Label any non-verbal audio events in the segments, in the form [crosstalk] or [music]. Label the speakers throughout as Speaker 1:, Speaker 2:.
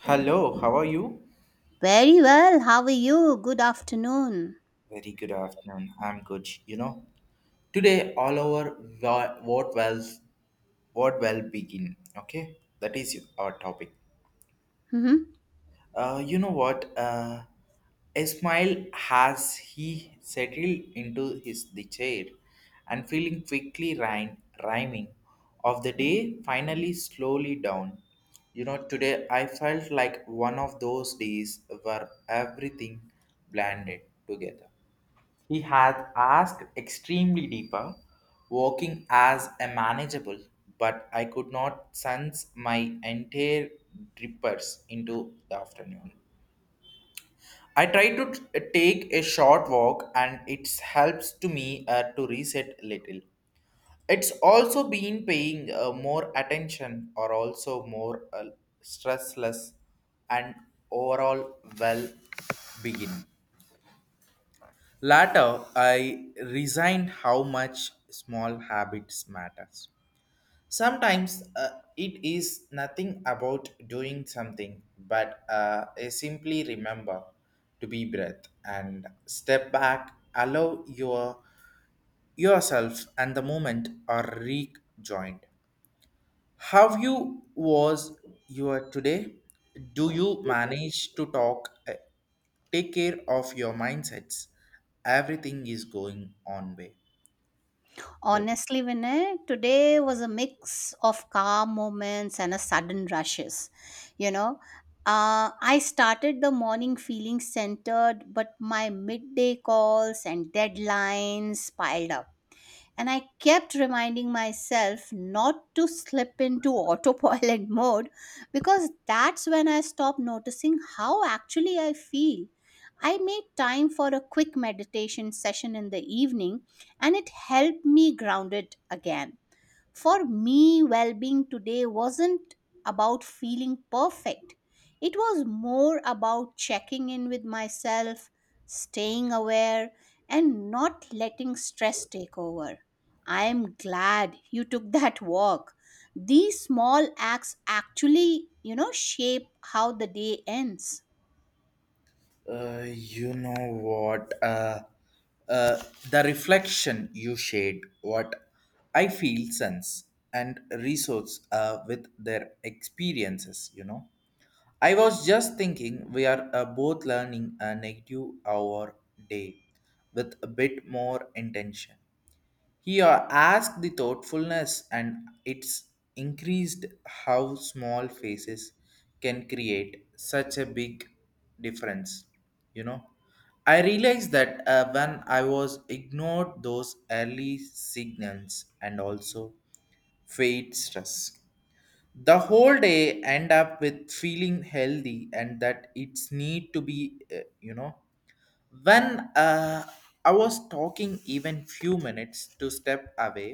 Speaker 1: Hello, how are you?
Speaker 2: Very well. How are you? Good afternoon.
Speaker 1: Very good afternoon. I'm good. You know, today all our wo- what wells, what well begin. Okay, that is our topic.
Speaker 2: Mhm.
Speaker 1: You know what? A smile has he settled into his the chair, and feeling quickly rhyming of the day finally slowly down. You know, today I felt like one of those days where everything blended together. He had asked extremely deeper, working as a manageable, but I could not sense my entire drippers into the afternoon. I tried to take a short walk and it helps to me to reset a little. It's also been paying more attention or also more stressless and overall well being. Later, I resigned how much small habits matters. Sometimes it is nothing about doing something, but I simply remember to be breath and step back, allow yourself and the moment are rejoined. How you was your today? Do you manage to talk? Take care of your mindsets. Everything is going on way.
Speaker 2: Honestly, Vinay, today was a mix of calm moments and a sudden rushes. You know, I started the morning feeling centered, but my midday calls and deadlines piled up. And I kept reminding myself not to slip into [laughs] autopilot mode, because that's when I stopped noticing how actually I feel. I made time for a quick meditation session in the evening and it helped me grounded again. For me, well being today wasn't about feeling perfect, it was more about checking in with myself, staying aware, and not letting stress take over. I am glad you took [laughs] that walk. These small acts actually, you know, shape how the day ends.
Speaker 1: You know what? uh, the reflection you shared, what I feel sense and resource with their experiences, you know. I was just thinking we are both learning a negative hour day with a bit more intention. Here, ask the thoughtfulness and it's increased how small faces can create such a big difference. You know, I realized that when I was ignored those early signals and also fade stress the whole day end up with feeling healthy and that it's need to be you know when I was talking even few minutes to step away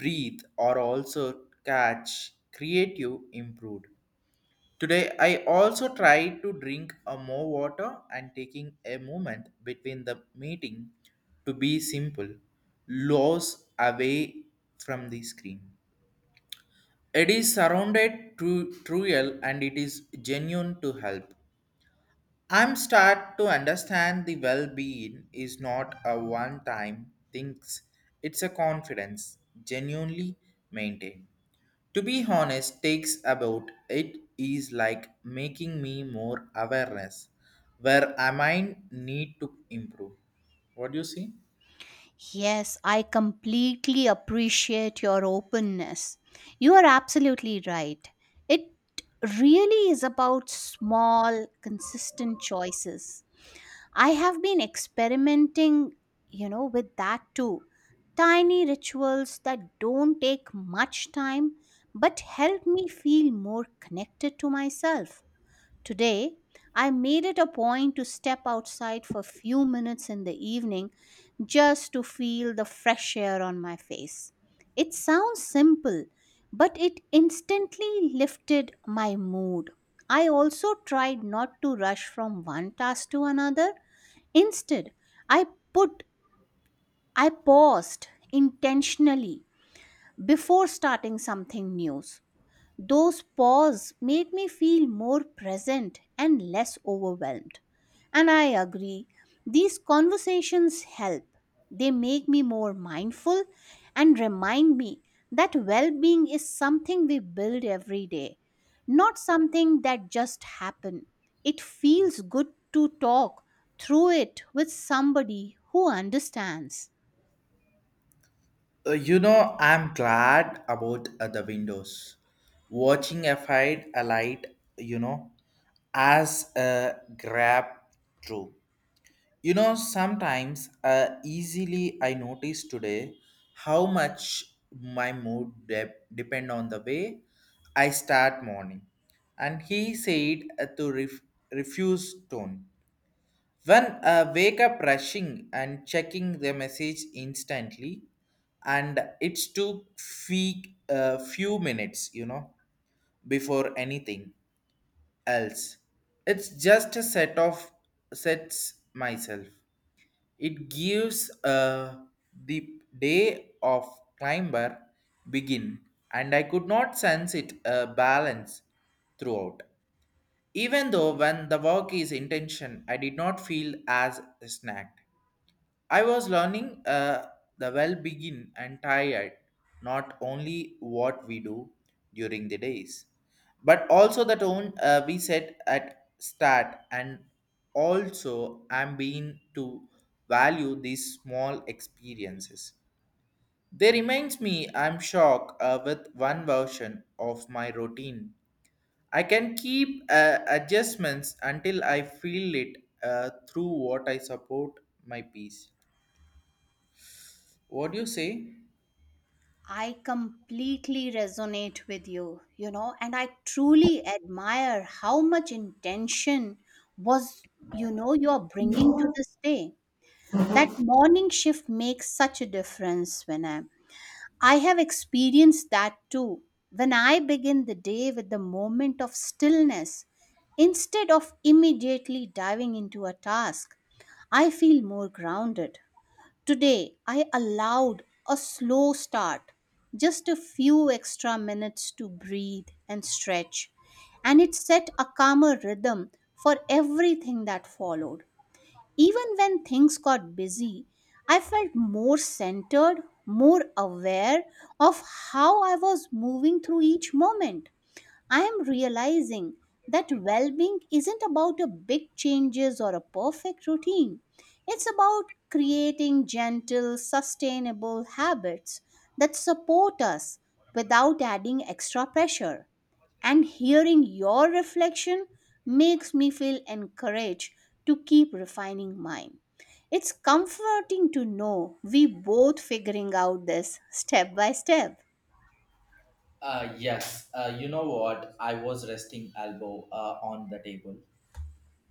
Speaker 1: breathe or also catch creative improved today I also try to drink a more water and taking a moment between the meeting to be simple loss away from the screen it is surrounded to truel and it is genuine to help. I'm start to understand the well-being is not a one-time things. It's a confidence genuinely maintained. To be honest, takes about it is like making me more awareness where I might need to improve. What do you see?
Speaker 2: Yes, I completely appreciate your openness. You are absolutely right. It really is about small, consistent choices. I have been experimenting, you know, with that too. Tiny rituals that don't take much time but help me feel more connected to myself. Today, I made it a point to step outside for a few minutes in the evening just to feel the fresh air on my face. It sounds simple, but it instantly lifted my mood. I also tried not to rush from one task to another. Instead, I put I paused intentionally before starting something new. Those pause made me feel more present and less overwhelmed. And I agree, these conversations help. They make me more mindful and remind me that well being is something we build every day, not something that just happens. It feels good to talk through it with somebody who understands.
Speaker 1: You know, I'm glad about the windows. Watching a fight alight, you know, as a grab through. You know, sometimes easily I notice today how much my mood depend on the way I start morning. And he said to refuse tone. When I wake up rushing and checking the message instantly, and it's took fee, few minutes, you know, before anything else. It's just a sets myself. It gives the day of climber begin, and I could not sense it balance throughout. Even though when the work is intention, I did not feel as snagged. I was learning the well begin and tired, not only what we do during the days, but also the tone we set at start and also I'm being to value these small experiences. They reminds me I'm shocked with one version of my routine. I can keep adjustments until I feel it through what I support my peace. What do you say?
Speaker 2: I completely resonate with you, you know, and I truly admire how much intention was, you know, you're bringing to this day. That morning shift makes such a difference when I have experienced that too. When I begin the day with the moment of stillness, instead of immediately diving into a task, I feel more grounded. Today, I allowed a slow start, just a few extra minutes to breathe and stretch, and it set a calmer rhythm for everything that followed. Even when things got busy, I felt more centered, more aware of how I was moving through each moment. I am realizing that well being isn't about a big changes or a perfect routine. It's about creating gentle, sustainable habits that support us without adding extra pressure. And hearing your reflection makes me feel encouraged to keep refining mine. It's comforting to know we both figuring out this step by step.
Speaker 1: Yes, you know what? I was resting elbow on the table.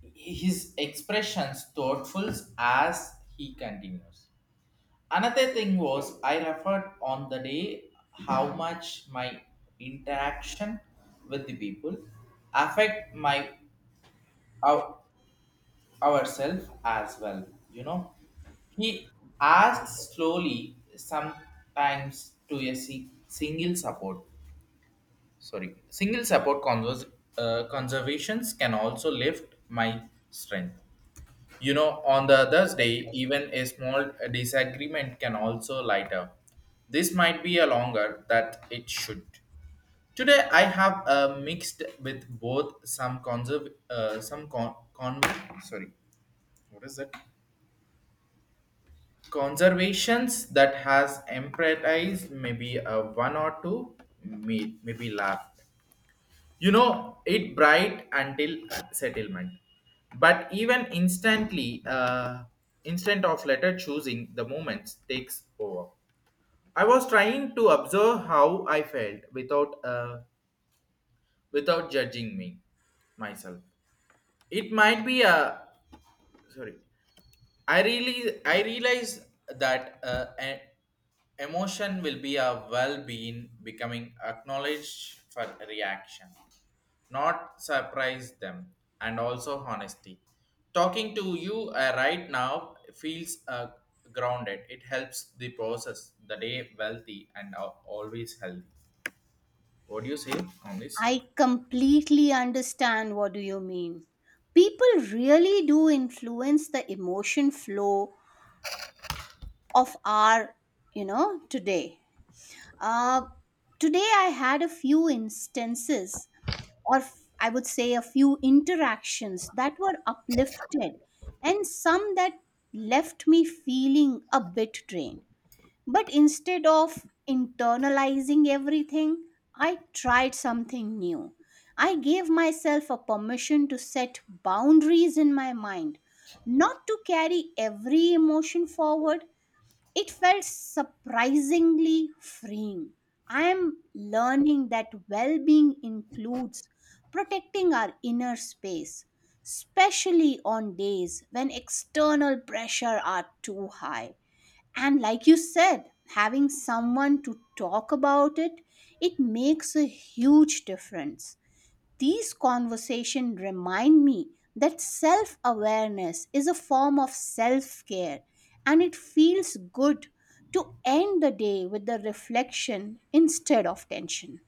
Speaker 1: His expressions thoughtful as he continues. Another thing was I referred on the day how much my interaction with the people affect my our, ourselves as well. You know, he asks slowly, sometimes to a single support. Sorry, single support conservations can also lift my strength. You know, on the other day even a small disagreement can also light up, this might be a longer that it should. Today I have mixed with both some conserv- some con-, con sorry what is that conservations that has emphasized maybe a one or two, maybe laugh, you know it bright until settlement. But even instantly instant of letter choosing the moments takes over. I was trying to observe how I felt without without judging me myself. It might be a sorry. I realize that emotion will be a well-being becoming acknowledged for reaction, not surprise them, and also honesty. Talking to you right now feels grounded. It helps the process the day wealthy and always healthy. What do you say on this?
Speaker 2: I completely understand what do you mean. People really do influence the emotion flow of our, you know, today. Uh, Today I had a few instances, I would say a few interactions that were uplifted, and some that left me feeling a bit drained. But instead of internalizing everything, I tried something new. I gave myself a permission to set boundaries in my mind, not to carry every emotion forward. It felt surprisingly freeing. I am learning that well being includes protecting our inner space, especially on days when external pressure are too high. And like you said, having someone to talk about it, it makes a huge difference. These conversations remind me that self awareness is a form of self care, and it feels good to end the day with the reflection instead of tension.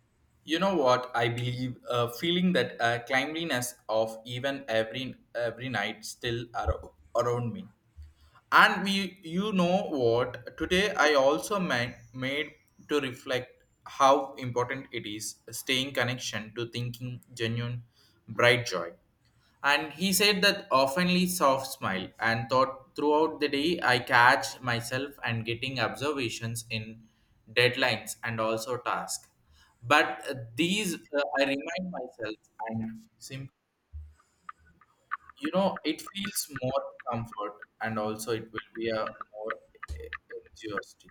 Speaker 1: You know what? I believe feeling that cleanliness of even every night still around me. And we, you know what? Today I also made to reflect how important it is staying connection to thinking genuine bright joy. And he said that oftenly soft smile and thought throughout the day I catch myself and getting observations in deadlines and also tasks. But these I remind myself and simple, you know it feels more comfort and also it will be a more eh, enthusiastic.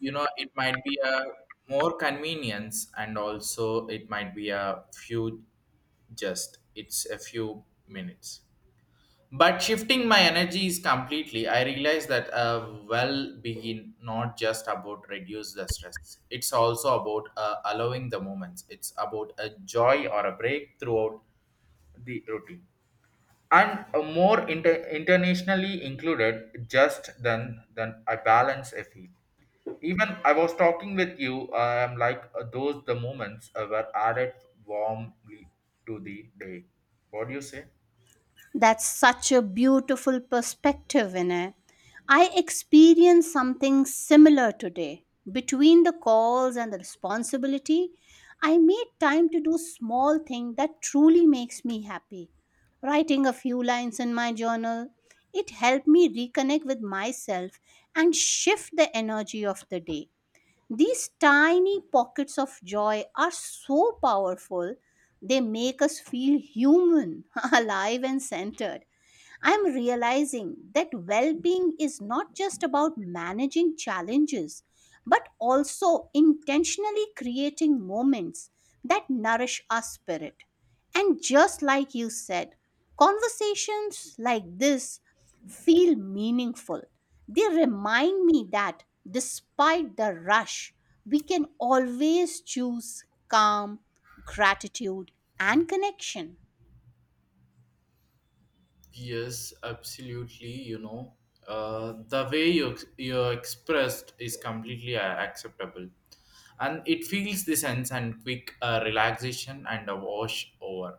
Speaker 1: You know it might be a more convenience and also it might be a few, just it's a few minutes but shifting my energies completely. I realize that a well being not just about reduce the stress, it's also about allowing the moments, it's about a joy or a break throughout the routine and a more internationally included just than I balance a fee. Even I was talking with you I am like those the moments were added warmly to the day. What do you say?
Speaker 2: That's such a beautiful perspective, Vinay. I experienced something similar today. Between the calls and the responsibility, I made time to do small thing that truly makes me happy. Writing a few lines in my journal, it helped me reconnect with myself and shift the energy of the day. These tiny pockets of joy are so powerful, they make us feel human, [laughs] alive, and centered. I'm realizing that well being is not just about managing challenges, but also intentionally creating moments that nourish our spirit. And just like you said, conversations like this feel meaningful. They remind me that despite the rush, we can always choose calm, gratitude, and connection.
Speaker 1: Yes, absolutely. You know, the way you expressed is completely acceptable, and it feels the sense and quick relaxation and a wash over.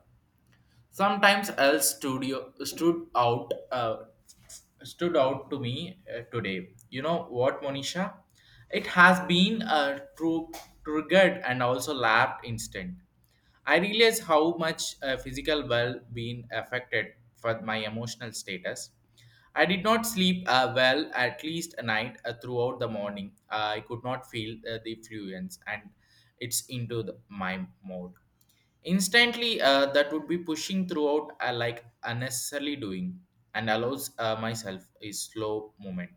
Speaker 1: Sometimes else studio stood out to me today. You know what, Monisha? It has been a true triggered and also laughed instant. I realize how much physical well being affected for my emotional status. I did not sleep well at least a night throughout the morning. I could not feel the fluence and it's into the, my mode instantly that would be pushing throughout like unnecessarily doing and allows myself a slow moment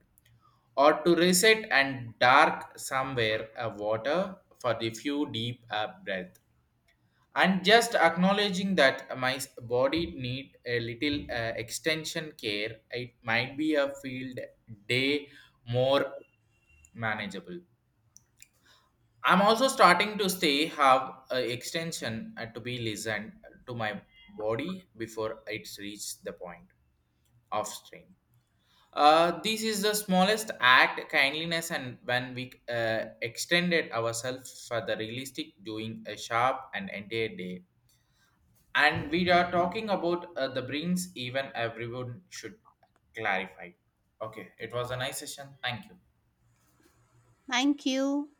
Speaker 1: or to reset and dark somewhere a water for the few deep breath and just acknowledging that my body need a little extension care. It might be a field day more manageable. I'm also starting to stay have a extension to be listened to my body before it's reached the point of strain. This is the smallest act kindliness, and when we extended ourselves for the realistic, doing a sharp and entire day. And we are talking about the brains. Even everyone should clarify. Okay, it was a nice session. Thank you.
Speaker 2: Thank you.